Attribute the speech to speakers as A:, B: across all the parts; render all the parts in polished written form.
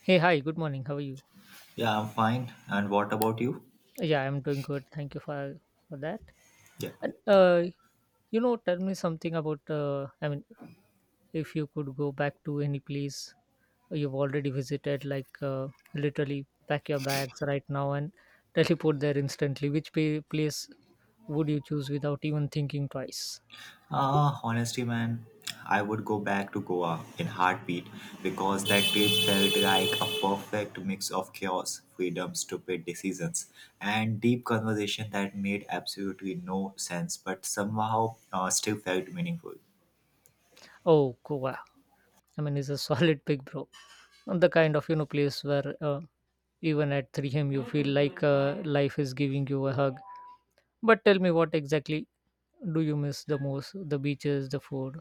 A: Hey, hi, good morning. How are you?
B: Yeah, I'm fine. And what about you?
A: Yeah, I'm doing good. Thank you for that.
B: Yeah.
A: And uh, tell me something about. If you could go back to any place you've already visited, literally pack your bags right now and teleport there instantly, which place would you choose without even thinking twice?
B: Honestly, man, I would go back to Goa in heartbeat because that trip felt like a perfect mix of chaos, freedom, stupid decisions, and deep conversation that made absolutely no sense but somehow still felt meaningful.
A: Oh, Goa. I mean, it's a solid pick, bro. And the kind of place where even at 3 a.m. you feel like life is giving you a hug. But tell me, what exactly do you miss the most? The beaches, the food,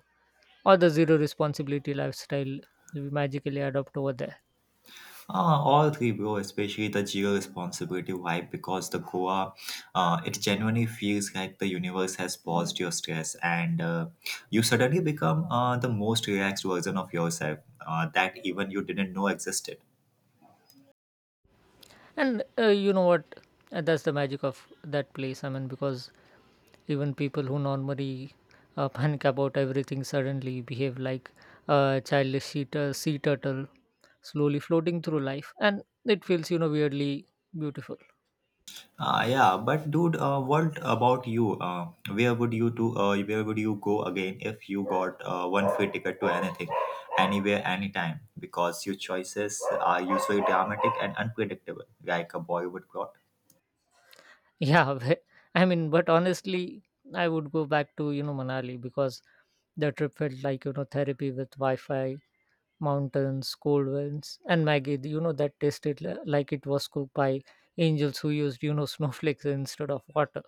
A: or the zero responsibility lifestyle we magically adopt over there?
B: All three, bro, especially the Zero Responsibility vibe because the Goa, it genuinely feels like the universe has paused your stress, and you suddenly become the most relaxed version of yourself that even you didn't know existed.
A: And you know what? That's the magic of that place. I mean, because even people who normally panic about everything suddenly behave like a childish sea, sea turtle slowly floating through life. And it feels, you know, weirdly beautiful.
B: Yeah, but dude, what about you? Where would you go again if you got one free ticket to anything, anywhere, anytime? Because your choices are usually dramatic and unpredictable, like a Bollywood plot.
A: Yeah, but honestly, I would go back to you know Manali because the trip felt like you know therapy with Wi-Fi, mountains, cold winds, and Maggie. You know, that tasted like it was cooked by angels who used you know snowflakes instead of water.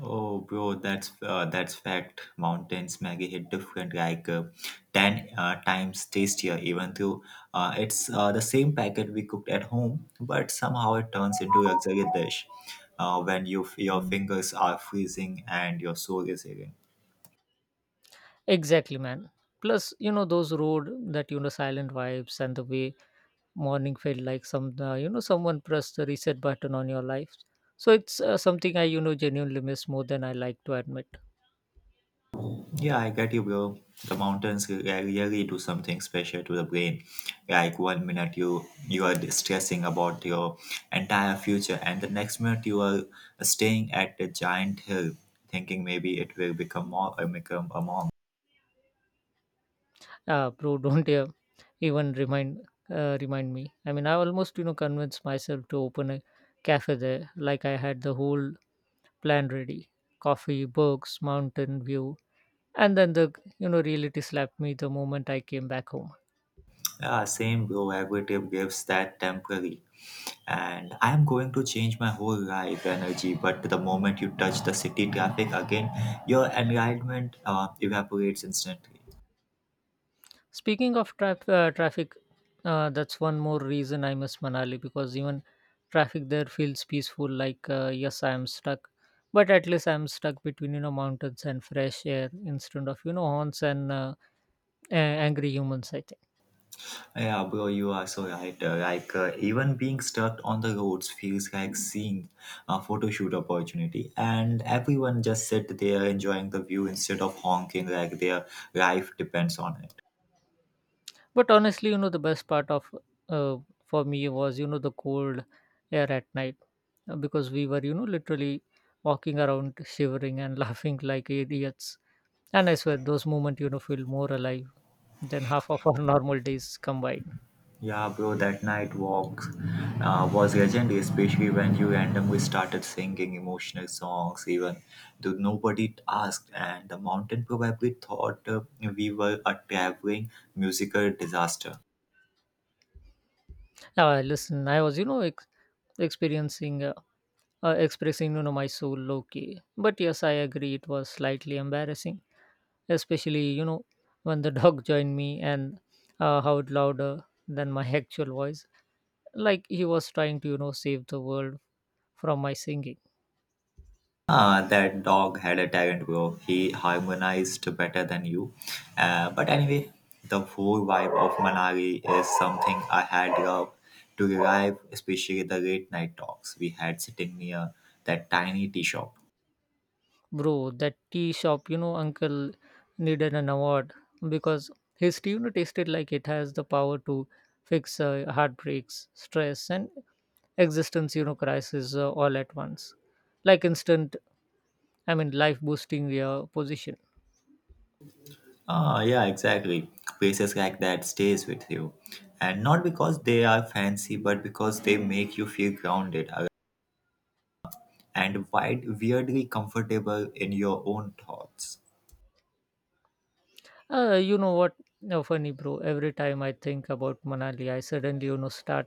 B: Oh, bro, that's fact. Mountains Maggie hit different, like ten times tastier. Even though it's the same packet we cooked at home, but somehow it turns into a luxury dish when your fingers are freezing and your soul is aching.
A: Exactly, man. Plus, you know, those road, that you know silent vibes and the way morning felt like some you know someone pressed the reset button on your life. So it's something I you know genuinely miss more than I like to admit.
B: Yeah, I get you, bro. The mountains really do something special to the brain. Like one minute you are stressing about your entire future, and the next minute you are staying at a giant hill, thinking maybe it will become more or become a monk.
A: Ah, bro, don't even remind me. I mean, I almost you know convinced myself to open a cafe there. Like, I had the whole plan ready: coffee, books, mountain view, and then the you know reality slapped me the moment I came back home.
B: Yeah, same, bro. Every trip gives that temporary, and I am going to change my whole life energy. But the moment you touch the city traffic again, your enlightenment evaporates instantly.
A: Speaking of traffic, that's one more reason I miss Manali, because even traffic there feels peaceful. Yes, I am stuck, but at least I am stuck between you know mountains and fresh air instead of you know horns and angry humans, I think.
B: Yeah, bro, you are so right. Like, even being stuck on the roads feels like seeing a photo shoot opportunity, and everyone just sit there enjoying the view instead of honking like their life depends on it.
A: But honestly, you know, the best part of uh, for me was you know the cold air at night, because we were you know literally walking around shivering and laughing like idiots, and I swear those moments you know feel more alive than half of our normal days combined.
B: Yeah, bro, that night walk was legendary, especially when you randomly started singing emotional songs, even though nobody asked, and the mountain probably thought we were a traveling musical disaster.
A: Listen, I was you know ex- experiencing expressing you know my soul low key. But yes, I agree, it was slightly embarrassing, especially you know when the dog joined me and howled louder than my actual voice, like he was trying to you know save the world from my singing.
B: Ah, that dog had a talent, bro. He harmonized better than you. But anyway, the whole vibe of Manali is something I had loved to revive, especially the late night talks we had sitting near that tiny tea shop.
A: Bro, that tea shop, you know, uncle needed an award, because his tea, you know, tasted like it has the power to fix heartbreaks, stress, and existence you know crisis, all at once. Like instant, I mean life boosting position.
B: Ah, yeah, exactly. Places like that stays with you, and not because they are fancy, but because they make you feel grounded and wide, weirdly comfortable in your own thoughts.
A: You know what? No, funny, bro. Every time I think about Manali, I suddenly, you know, start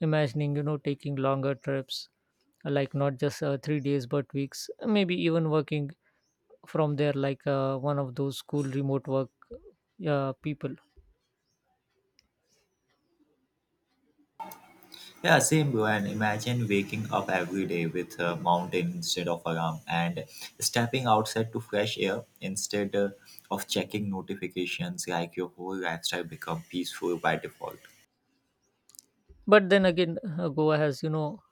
A: imagining, you know, taking longer trips, like not just 3 days, but weeks, maybe even working from there, like one of those cool remote work people.
B: Yeah, same, bro. And imagine waking up every day with a mountain instead of alarm and stepping outside to fresh air instead of checking notifications like your whole lifestyle become peaceful by default.
A: But then again, Goa has, you know,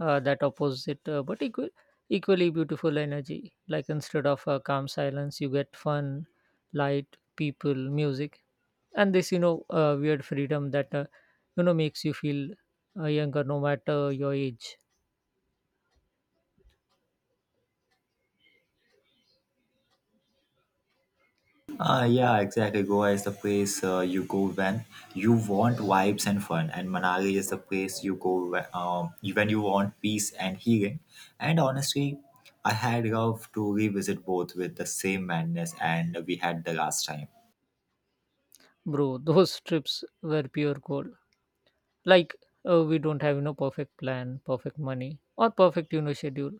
A: that opposite, equally beautiful energy. Like instead of calm silence, you get fun, light, people, music, and this, you know, weird freedom that, you know, makes you feel younger no matter your age.
B: Yeah, exactly. Goa is the place you go when you want vibes and fun, and Manali is the place you go when you want peace and healing. And honestly, I had love to revisit both with the same madness and we had the last time.
A: Bro, those trips were pure gold. Like, we don't have, you know, perfect plan, perfect money, or perfect, you know, schedule.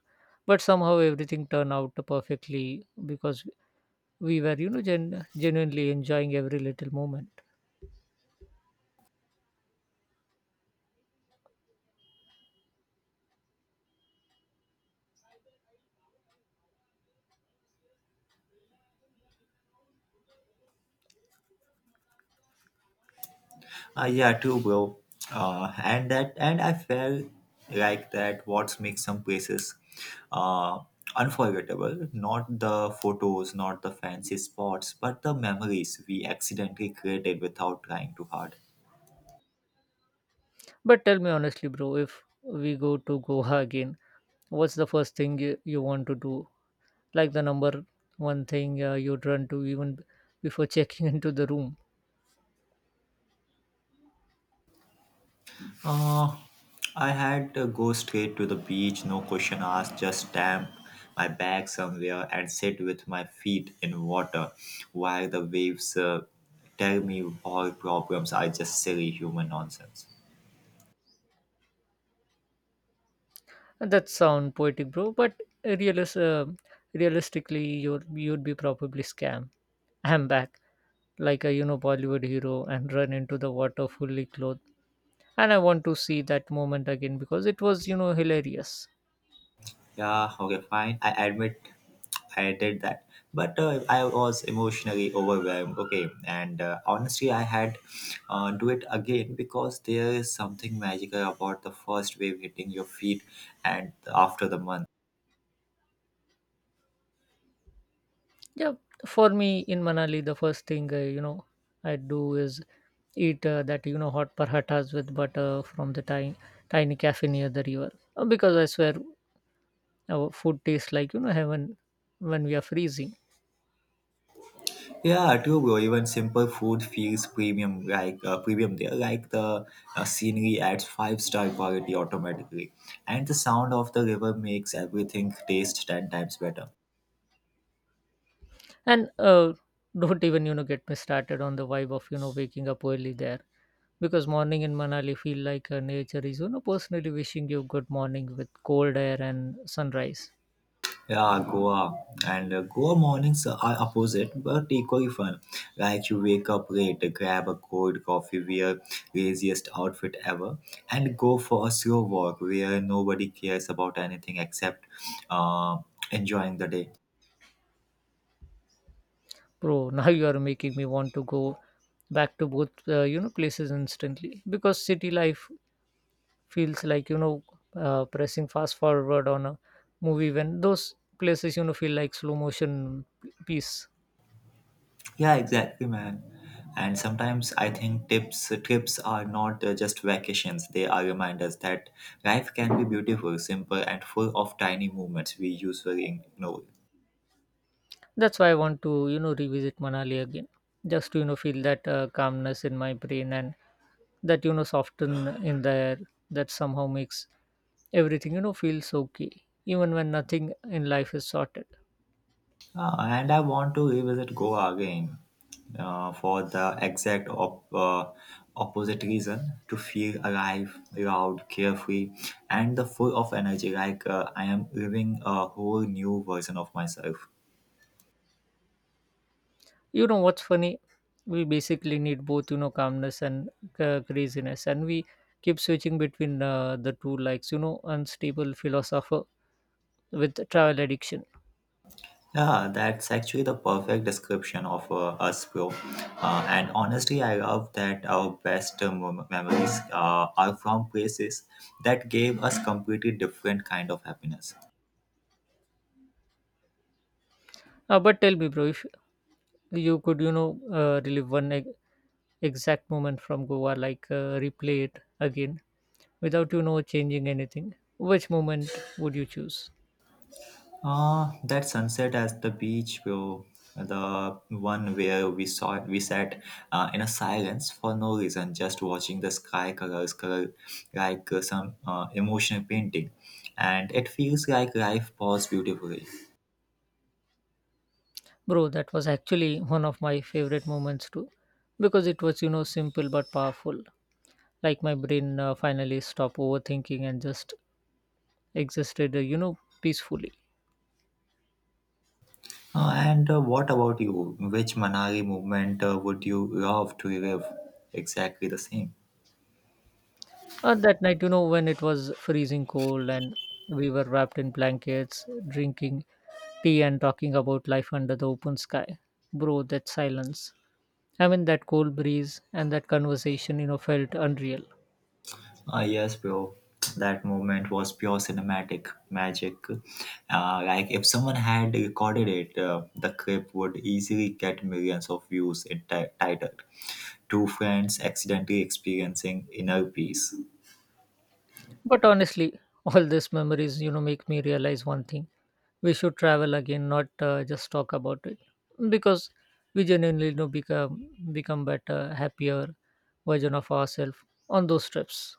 A: But somehow everything turned out perfectly because we were, you know, genuinely enjoying every little moment.
B: Yeah, true, bro. And I felt like that. What makes some places uh, unforgettable? Not the photos, not the fancy spots, but the memories we accidentally created without trying too hard.
A: But tell me honestly, bro, if we go to Goa again, what's the first thing you want to do? Like the number one thing you'd run to even before checking into the room.
B: Uh, I had to go straight to the beach, no question asked, just stamp my bag somewhere and sit with my feet in water while the waves tell me all problems are just silly human nonsense.
A: And that sound poetic, bro, but realis- uh, realistically, you'd be probably scam. I'm back, like a, you know, Bollywood hero, and run into the water fully clothed. And I want to see that moment again because it was, you know, hilarious.
B: Yeah, okay, fine. I admit I did that. But I was emotionally overwhelmed. Okay, and honestly, I had do it again because there is something magical about the first wave hitting your feet and after the month.
A: Yeah, for me in Manali, the first thing you know I do is eat that you know hot parathas with butter from the tiny cafe near the river. Because I swear our food tastes like you know heaven when we are freezing.
B: Yeah, true, bro. Even simple food feels premium, like premium there, like the scenery adds five-star quality automatically, and the sound of the river makes everything taste ten times better.
A: And don't even you know get me started on the vibe of you know waking up early there, because morning in Manali feel like nature is you know personally wishing you good morning with cold air and sunrise.
B: Yeah, Goa, and Goa mornings are opposite but equally fun. Like you wake up late, grab a cold coffee, wear laziest outfit ever, and go for a slow walk where nobody cares about anything except uh, enjoying the day.
A: Bro, now you are making me want to go back to both you know places instantly, because city life feels like you know pressing fast forward on a movie, when those places you know feel like slow motion piece.
B: Yeah, exactly, man. And sometimes I think tips trips are not just vacations; they are reminders that life can be beautiful, simple, and full of tiny moments we usually ignore.
A: That's why I want to you know revisit Manali again, just to you know feel that calmness in my brain, and that you know soften in the air that somehow makes everything you know feels okay, even when nothing in life is sorted.
B: And I want to revisit Goa again for the exact opposite reason, to feel alive, loud, carefree, and the full of energy, like I am living a whole new version of myself.
A: You know what's funny? We basically need both, you know, calmness and craziness, and we keep switching between the two likes, you know, unstable philosopher with travel addiction.
B: Yeah, that's actually the perfect description of us, bro. And honestly, I love that our best memories are from places that gave us completely different kind of happiness.
A: But tell me, bro, if you could, you know, relive one exact moment from Goa, like replay it again without, you know, changing anything, which moment would you choose?
B: Ah, that sunset at the beach, bro. The one where we saw it, we sat in a silence for no reason, just watching the sky colors color like some emotional painting, and it feels like life paused beautifully.
A: Bro, that was actually one of my favorite moments too, because it was, you know, simple but powerful, like my brain finally stopped overthinking and just existed, you know, peacefully.
B: And what about you? Which Manali movement would you love to relive? Exactly the same.
A: That night, you know, when it was freezing cold and we were wrapped in blankets drinking tea and talking about life under the open sky, bro, that silence, I mean, that cold breeze and that conversation, you know, felt unreal.
B: Ah, yes, bro. That moment was pure cinematic magic. Like, if someone had recorded it, the clip would easily get millions of views in titled Two Friends Accidentally Experiencing Inner Peace.
A: But honestly, all these memories, you know, make me realize one thing. We should travel again, not just talk about it, because we genuinely you know become better, happier version of ourselves on those trips.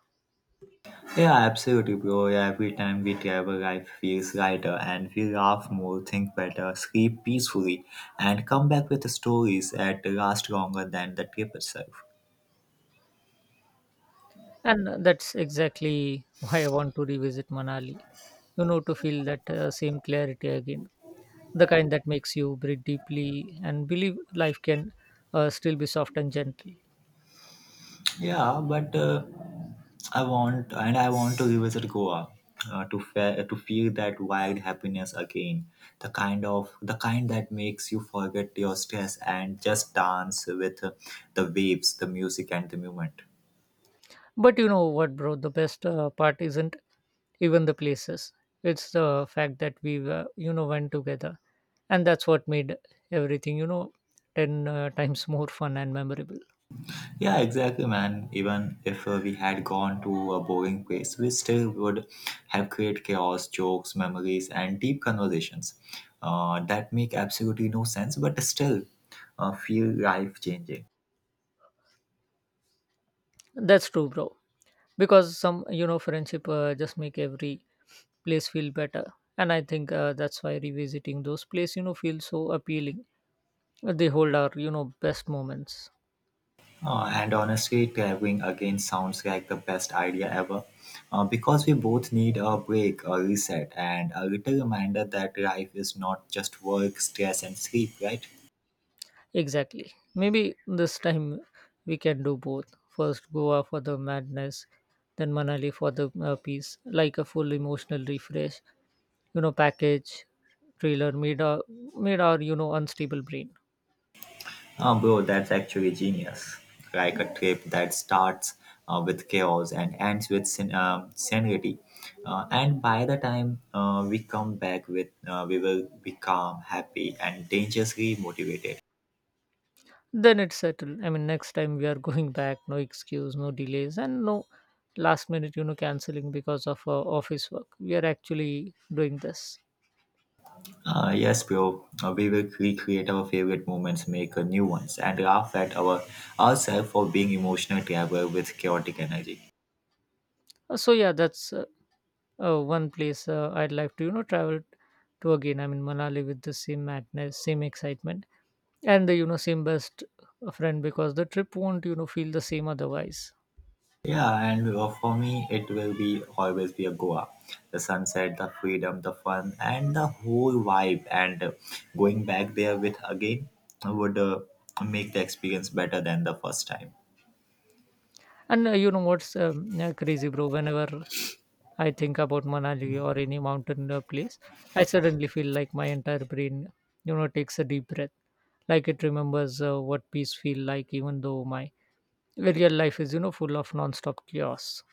B: Yeah, absolutely, bro. Yeah, every time we travel, life feels lighter and we laugh more, think better, sleep peacefully, and come back with stories that last longer than the trip itself.
A: And that's exactly why I want to revisit Manali. You know, to feel that same clarity again, the kind that makes you breathe deeply and believe life can still be soft and gentle.
B: Yeah, but. I want to revisit Goa to feel that wild happiness again, the kind that makes you forget your stress and just dance with the waves, the music, and the movement.
A: But you know what, bro? The best part isn't even the places. It's the fact that were, you know, went together, and that's what made everything, you know, ten times more fun and memorable.
B: Yeah, exactly, man. Even if we had gone to a boring place, we still would have created chaos, jokes, memories, and deep conversations that make absolutely no sense, but still feel life changing.
A: That's true, bro. Because some, you know, friendship just make every place feel better, and I think that's why revisiting those places, you know, feels so appealing. They hold our, you know, best moments.
B: And honestly, traveling again sounds like the best idea ever. Because we both need a break, a reset, and a little reminder that life is not just work, stress, and sleep, right?
A: Exactly. Maybe this time we can do both. First Goa for the madness, then Manali for the peace, like a full emotional refresh, you know, package, trailer made our, made our, you know, unstable brain.
B: Oh, bro, that's actually genius. Like a trip that starts with chaos and ends with sanity. And by the time we come back, we will be calm, happy, and dangerously motivated.
A: Then it's settled. I mean, next time we are going back, no excuse, no delays, and no last minute, you know, canceling because of office work. We are actually doing this.
B: Yes, bro. We will recreate our favorite moments, make new ones, and laugh at ourselves for being emotional traveler with chaotic energy.
A: So, yeah, that's oh, one place I'd like to, you know, travel to again. I mean, Manali with the same madness, same excitement, and the, you know, same best friend, because the trip won't, you know, feel the same otherwise.
B: Yeah, and for me, it will be always be a Goa. The sunset, the freedom, the fun, and the whole vibe. And going back there with again would make the experience better than the first time.
A: And you know what's crazy, bro? Whenever I think about Manali or any mountain place, I suddenly feel like my entire brain, you know, takes a deep breath, like it remembers what peace feel like, even though my real life is, you know, full of non-stop chaos.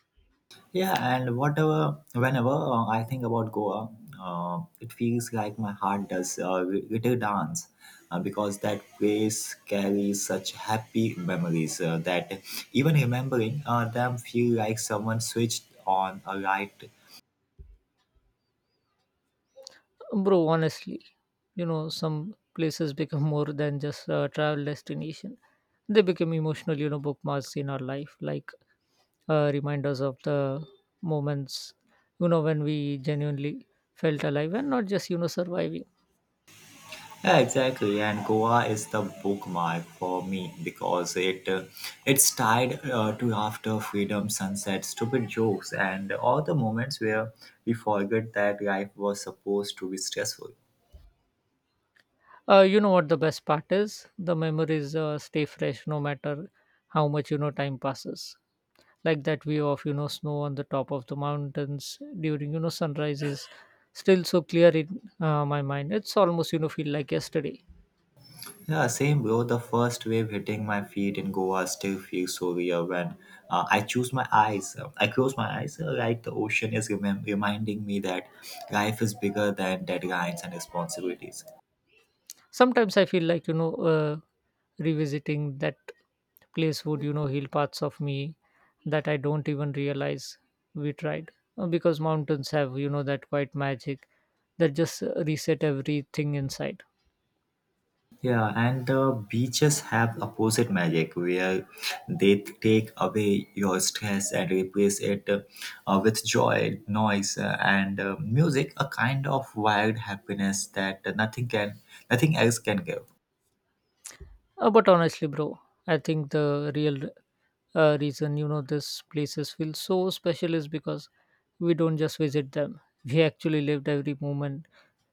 B: Yeah, and whenever I think about Goa, it feels like my heart does a little dance because that place carries such happy memories that even remembering them feel like someone switched on a light.
A: Bro, honestly, you know, some places become more than just a travel destination. They become emotional, you know, bookmarks in our life, like reminders of the moments, you know, when we genuinely felt alive and not just, you know, surviving.
B: Yeah, exactly. And Goa is the bookmark for me because it's tied to after freedom, sunset, stupid jokes, and all the moments where we forget that life was supposed to be stressful.
A: You know what the best part is? The memories stay fresh no matter how much, you know, time passes. Like that view of snow on the top of the mountains during sunrise is still so clear in my mind. It's almost feel like yesterday.
B: Yeah, same, bro. The first wave hitting my feet in Goa still feels so real when I choose my eyes. I close my eyes, like the ocean is reminding me that life is bigger than deadlines and responsibilities.
A: Sometimes I feel like revisiting that place would heal parts of me that I don't even realize we tried. Because mountains have that quite magic that just reset everything inside.
B: Yeah, and the beaches have opposite magic where they take away your stress and replace it with joy, noise, and music, a kind of wild happiness that nothing else can give.
A: But honestly, bro, I think the real reason these places feel so special is because we don't just visit them, we actually lived every moment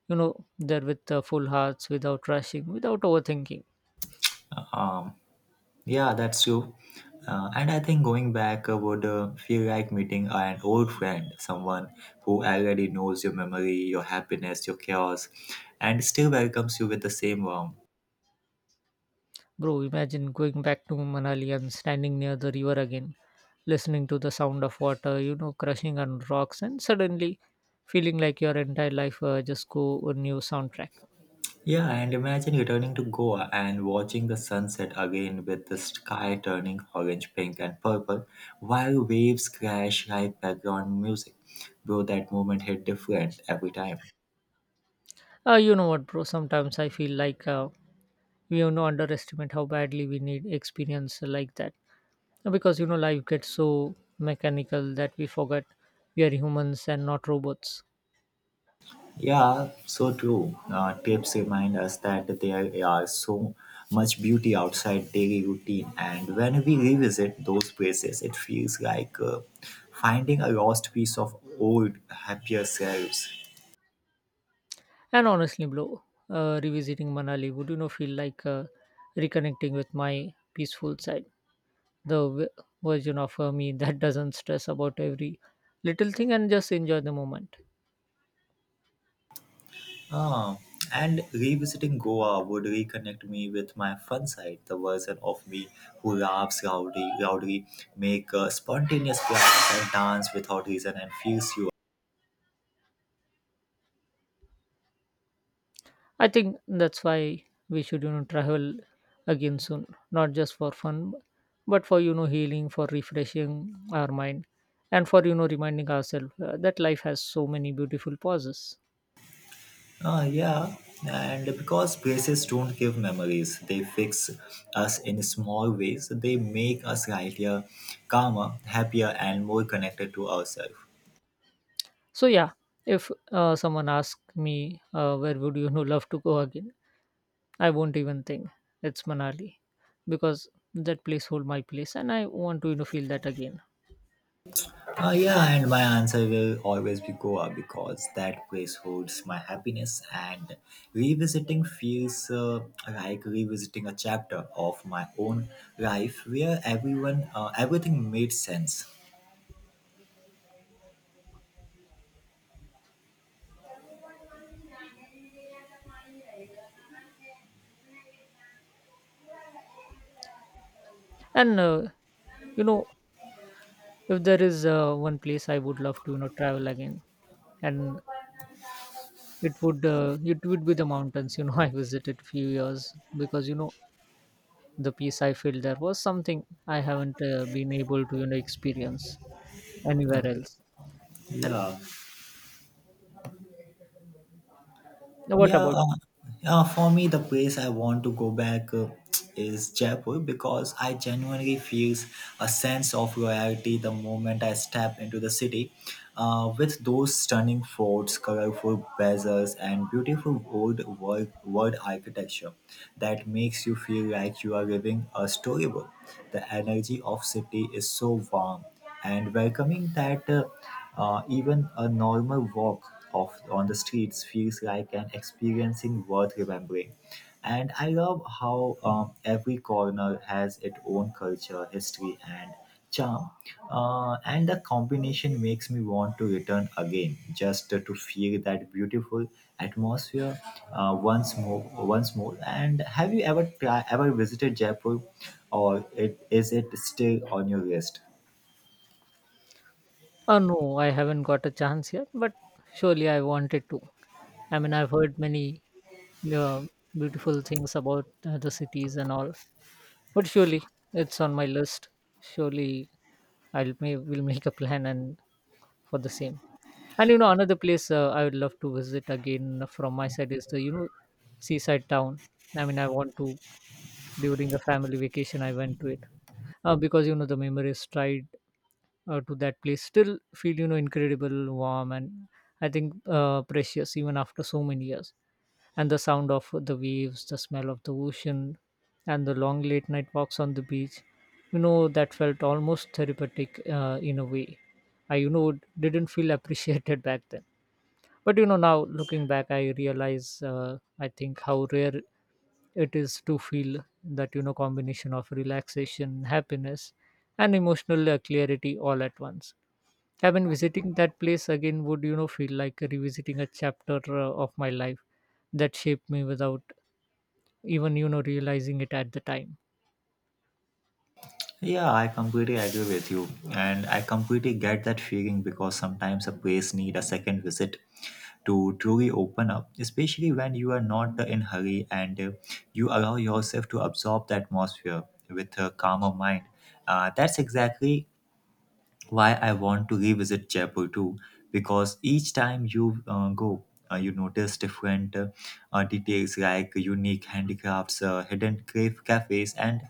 A: there with full hearts, without rushing, without overthinking.
B: Yeah, that's true. And I think going back would feel like meeting an old friend, someone who already knows your memory, your happiness, your chaos, and still welcomes you with the same warmth.
A: Bro, imagine going back to Manali and standing near the river again, listening to the sound of water crushing on rocks, and suddenly feeling like your entire life just go a new soundtrack.
B: Yeah, and imagine returning to Goa and watching the sunset again with the sky turning orange, pink, and purple while waves crash like background music. Bro, that moment hit different every time.
A: You know what, bro, sometimes I feel like we have no underestimate how badly we need experience like that, because life gets so mechanical that we forget we are humans and not robots.
B: Yeah, so true. Tips remind us that there are so much beauty outside daily routine, and when we revisit those places, it feels like finding a lost piece of old, happier selves.
A: And honestly, bro, revisiting Manali would feel like reconnecting with my peaceful side, the version of me that doesn't stress about every little thing and just enjoy the moment.
B: Ah, and revisiting Goa would reconnect me with my fun side, the version of me who laughs loudly, make spontaneous plans and dance without reason, and feels you.
A: I think that's why we should, travel again soon, not just for fun, but for, healing, for refreshing our mind, and for, reminding ourselves that life has so many beautiful pauses.
B: Ah, yeah, and because places don't give memories, they fix us in small ways. They make us healthier, calmer, happier, and more connected to ourselves.
A: So, yeah, if someone asks me, where would you, love to go again, I won't even think, it's Manali, because that place hold my place and I want to, feel that again.
B: Ah, yeah, and my answer will always be Goa because that place holds my happiness, and revisiting feels like revisiting a chapter of my own life where everything made sense.
A: And, you know, if there is one place I would love to, travel again, and it would be the mountains, I visited few years, because the peace I felt there was something I haven't been able to experience anywhere
B: Okay.
A: else. And
B: Yeah.
A: what
B: Yeah,
A: about?
B: for me, the place I want to go back is Jaipur because I genuinely feels a sense of royalty the moment I step into the city. With those stunning forts, colorful bazaars, and beautiful old world architecture that makes you feel like you are living a storybook. The energy of city is so warm and welcoming that even a normal walk off on the streets feels like an experiencing worth remembering. And I love how every corner has its own culture, history, and charm. And the combination makes me want to return again, just to feel that beautiful atmosphere once more. Once more. And have you ever visited Jaipur, or is it still on your list?
A: Oh no, I haven't got a chance yet, but surely I wanted to. I mean, I've heard many uh, beautiful things about the cities and all, but surely it's on my list. Surely I'll may will make a plan and for the same. And another place I would love to visit again from my side is the seaside town. I mean, I want to during a family vacation. I went to it because the memories tied to that place still feel incredible, warm, and I think precious even after so many years. And the sound of the waves, the smell of the ocean, and the long late night walks on the beach, that felt almost therapeutic in a way. I didn't feel appreciated back then. But now looking back, I realize I think how rare it is to feel that combination of relaxation, happiness, and emotional clarity all at once. I mean, visiting that place again would feel like revisiting a chapter of my life that shaped me without even realizing it at the time.
B: Yeah, I completely agree with you, and I completely get that feeling because sometimes a place need a second visit to truly open up, especially when you are not in hurry and you allow yourself to absorb the atmosphere with a calmer mind. That's exactly why I want to revisit Jaipur too, because each time you go, you notice different details like unique handicrafts, hidden cafes, and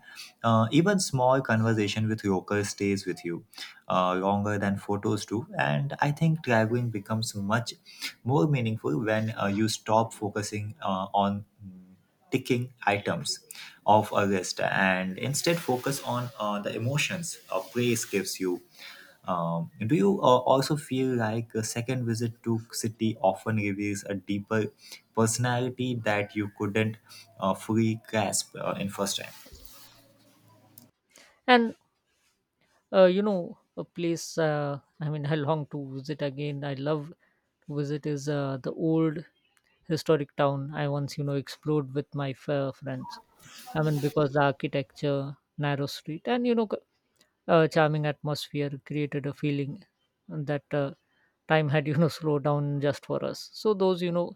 B: even small conversation with locals stays with you longer than photos do. And I think traveling becomes much more meaningful when you stop focusing on ticking items of a list and instead focus on the emotions a place gives you. Um, do you also feel like a second visit to city often reveals a deeper personality that you couldn't fully grasp in first time?
A: And a place, I mean, I long to visit again, I love to visit, is the old historic town I once explored with my friends. I mean, because the architecture, narrow street, and charming atmosphere created a feeling that time had slowed down just for us. So those you know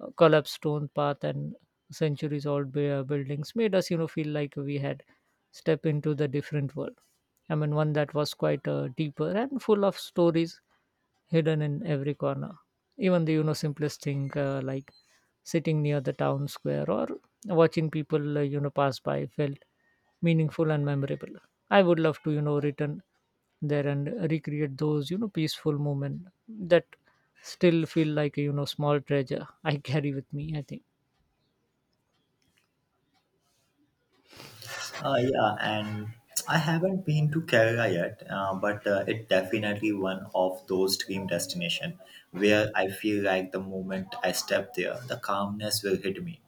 A: uh, collapsed stone path and centuries old buildings made us feel like we had stepped into the different world. I mean, one that was quite deeper and full of stories hidden in every corner. Even the simplest thing like sitting near the town square or watching people pass by felt meaningful and memorable. I would love to return there and recreate those peaceful moment that still feel like a small treasure I carry with me. I think.
B: Yeah, and I haven't been to Kerala yet, but it definitely one of those dream destination where I feel like the moment I step there, the calmness will hit me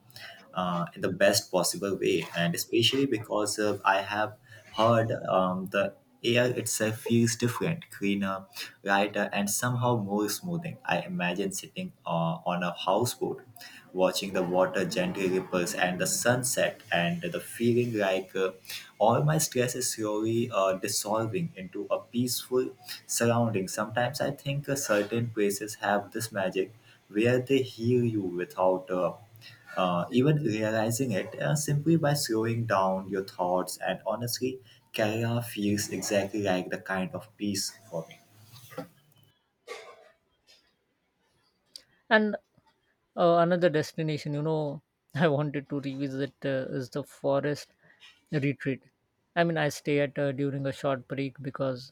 B: in the best possible way, and especially because I have heard the air itself feels different, cleaner, lighter, and somehow more smoothing. I imagine sitting on a houseboat, watching the water gently ripples and the sunset, and the feeling like all my stress is slowly dissolving into a peaceful surrounding. Sometimes I think certain places have this magic where they heal you without. Even realizing it simply by slowing down your thoughts and honestly, Kerala feels exactly like the kind of peace for me.
A: And another destination, I wanted to revisit is the forest retreat. I mean, I stay at during a short break, because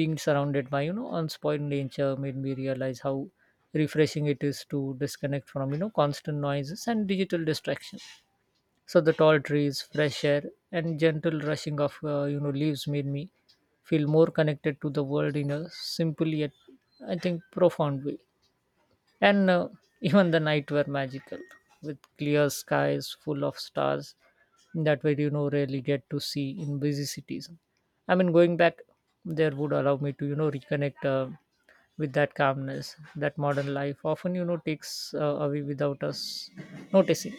A: being surrounded by unspoiled nature made me realize how refreshing it is to disconnect from constant noises and digital distraction. So the tall trees, fresh air, and gentle rushing of leaves made me feel more connected to the world in a simple yet I think profound way. And even the night were magical with clear skies full of stars that we rarely get to see in busy cities. I mean, going back there would allow me to reconnect with that calmness that modern life often takes away without us noticing.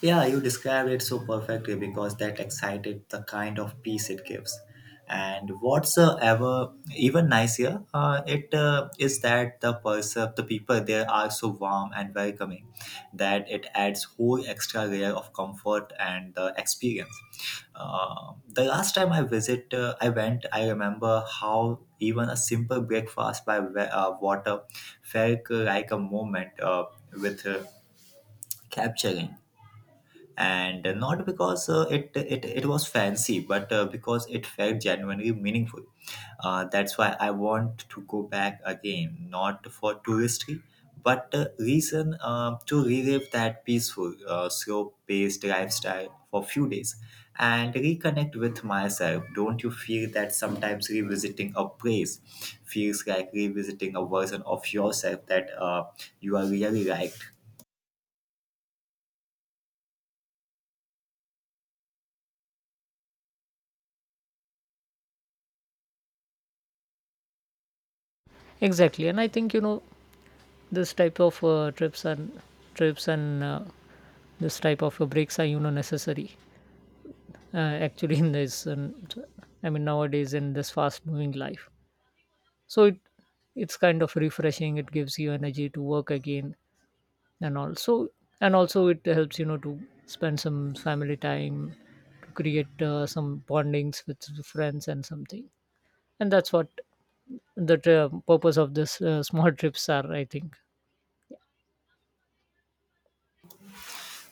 B: Yeah, you described it so perfectly because that excited the kind of peace it gives. And what's ever even nicer, it is that the people there are so warm and welcoming that it adds whole extra layer of comfort and the experience. The last time I visit, I went. I remember how even a simple breakfast by water felt like a moment with capturing, and not because it, it it was fancy but because it felt genuinely meaningful. Uh, that's why I want to go back again, not for touristy but reason to relive that peaceful slow paced lifestyle for a few days and reconnect with myself. Don't you feel that sometimes revisiting a place feels like revisiting a version of yourself that you are really liked?
A: Exactly, and I think this type of trips and trips and uh, this type of breaks are necessary uh, actually in this. I mean, nowadays in this fast-moving life, so it's kind of refreshing, it gives you energy to work again, and also it helps to spend some family time, to create some bondings with friends and something. And that's what the purpose of this small trips are, I think.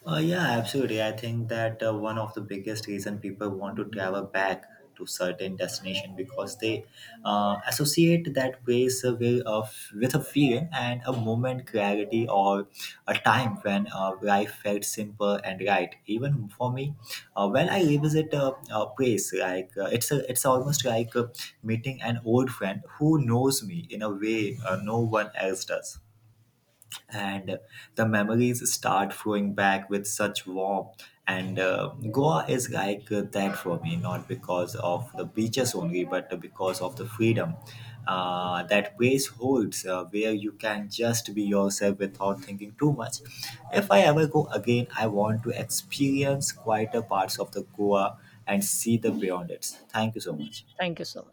B: Yeah, absolutely. I think that one of the biggest reason people want to travel back to certain destination because they associate that place with a feeling and a moment clarity or a time when life felt simple and right. Even for me, when I revisit a place, like it's it's almost like meeting an old friend who knows me in a way no one else does, and the memories start flowing back with such warmth. And Goa is like that for me, not because of the beaches only, but because of the freedom that place holds, where you can just be yourself without thinking too much. If I ever go again, I want to experience quieter parts of the Goa and see the beyond it. Thank you so much.
A: Thank you so much.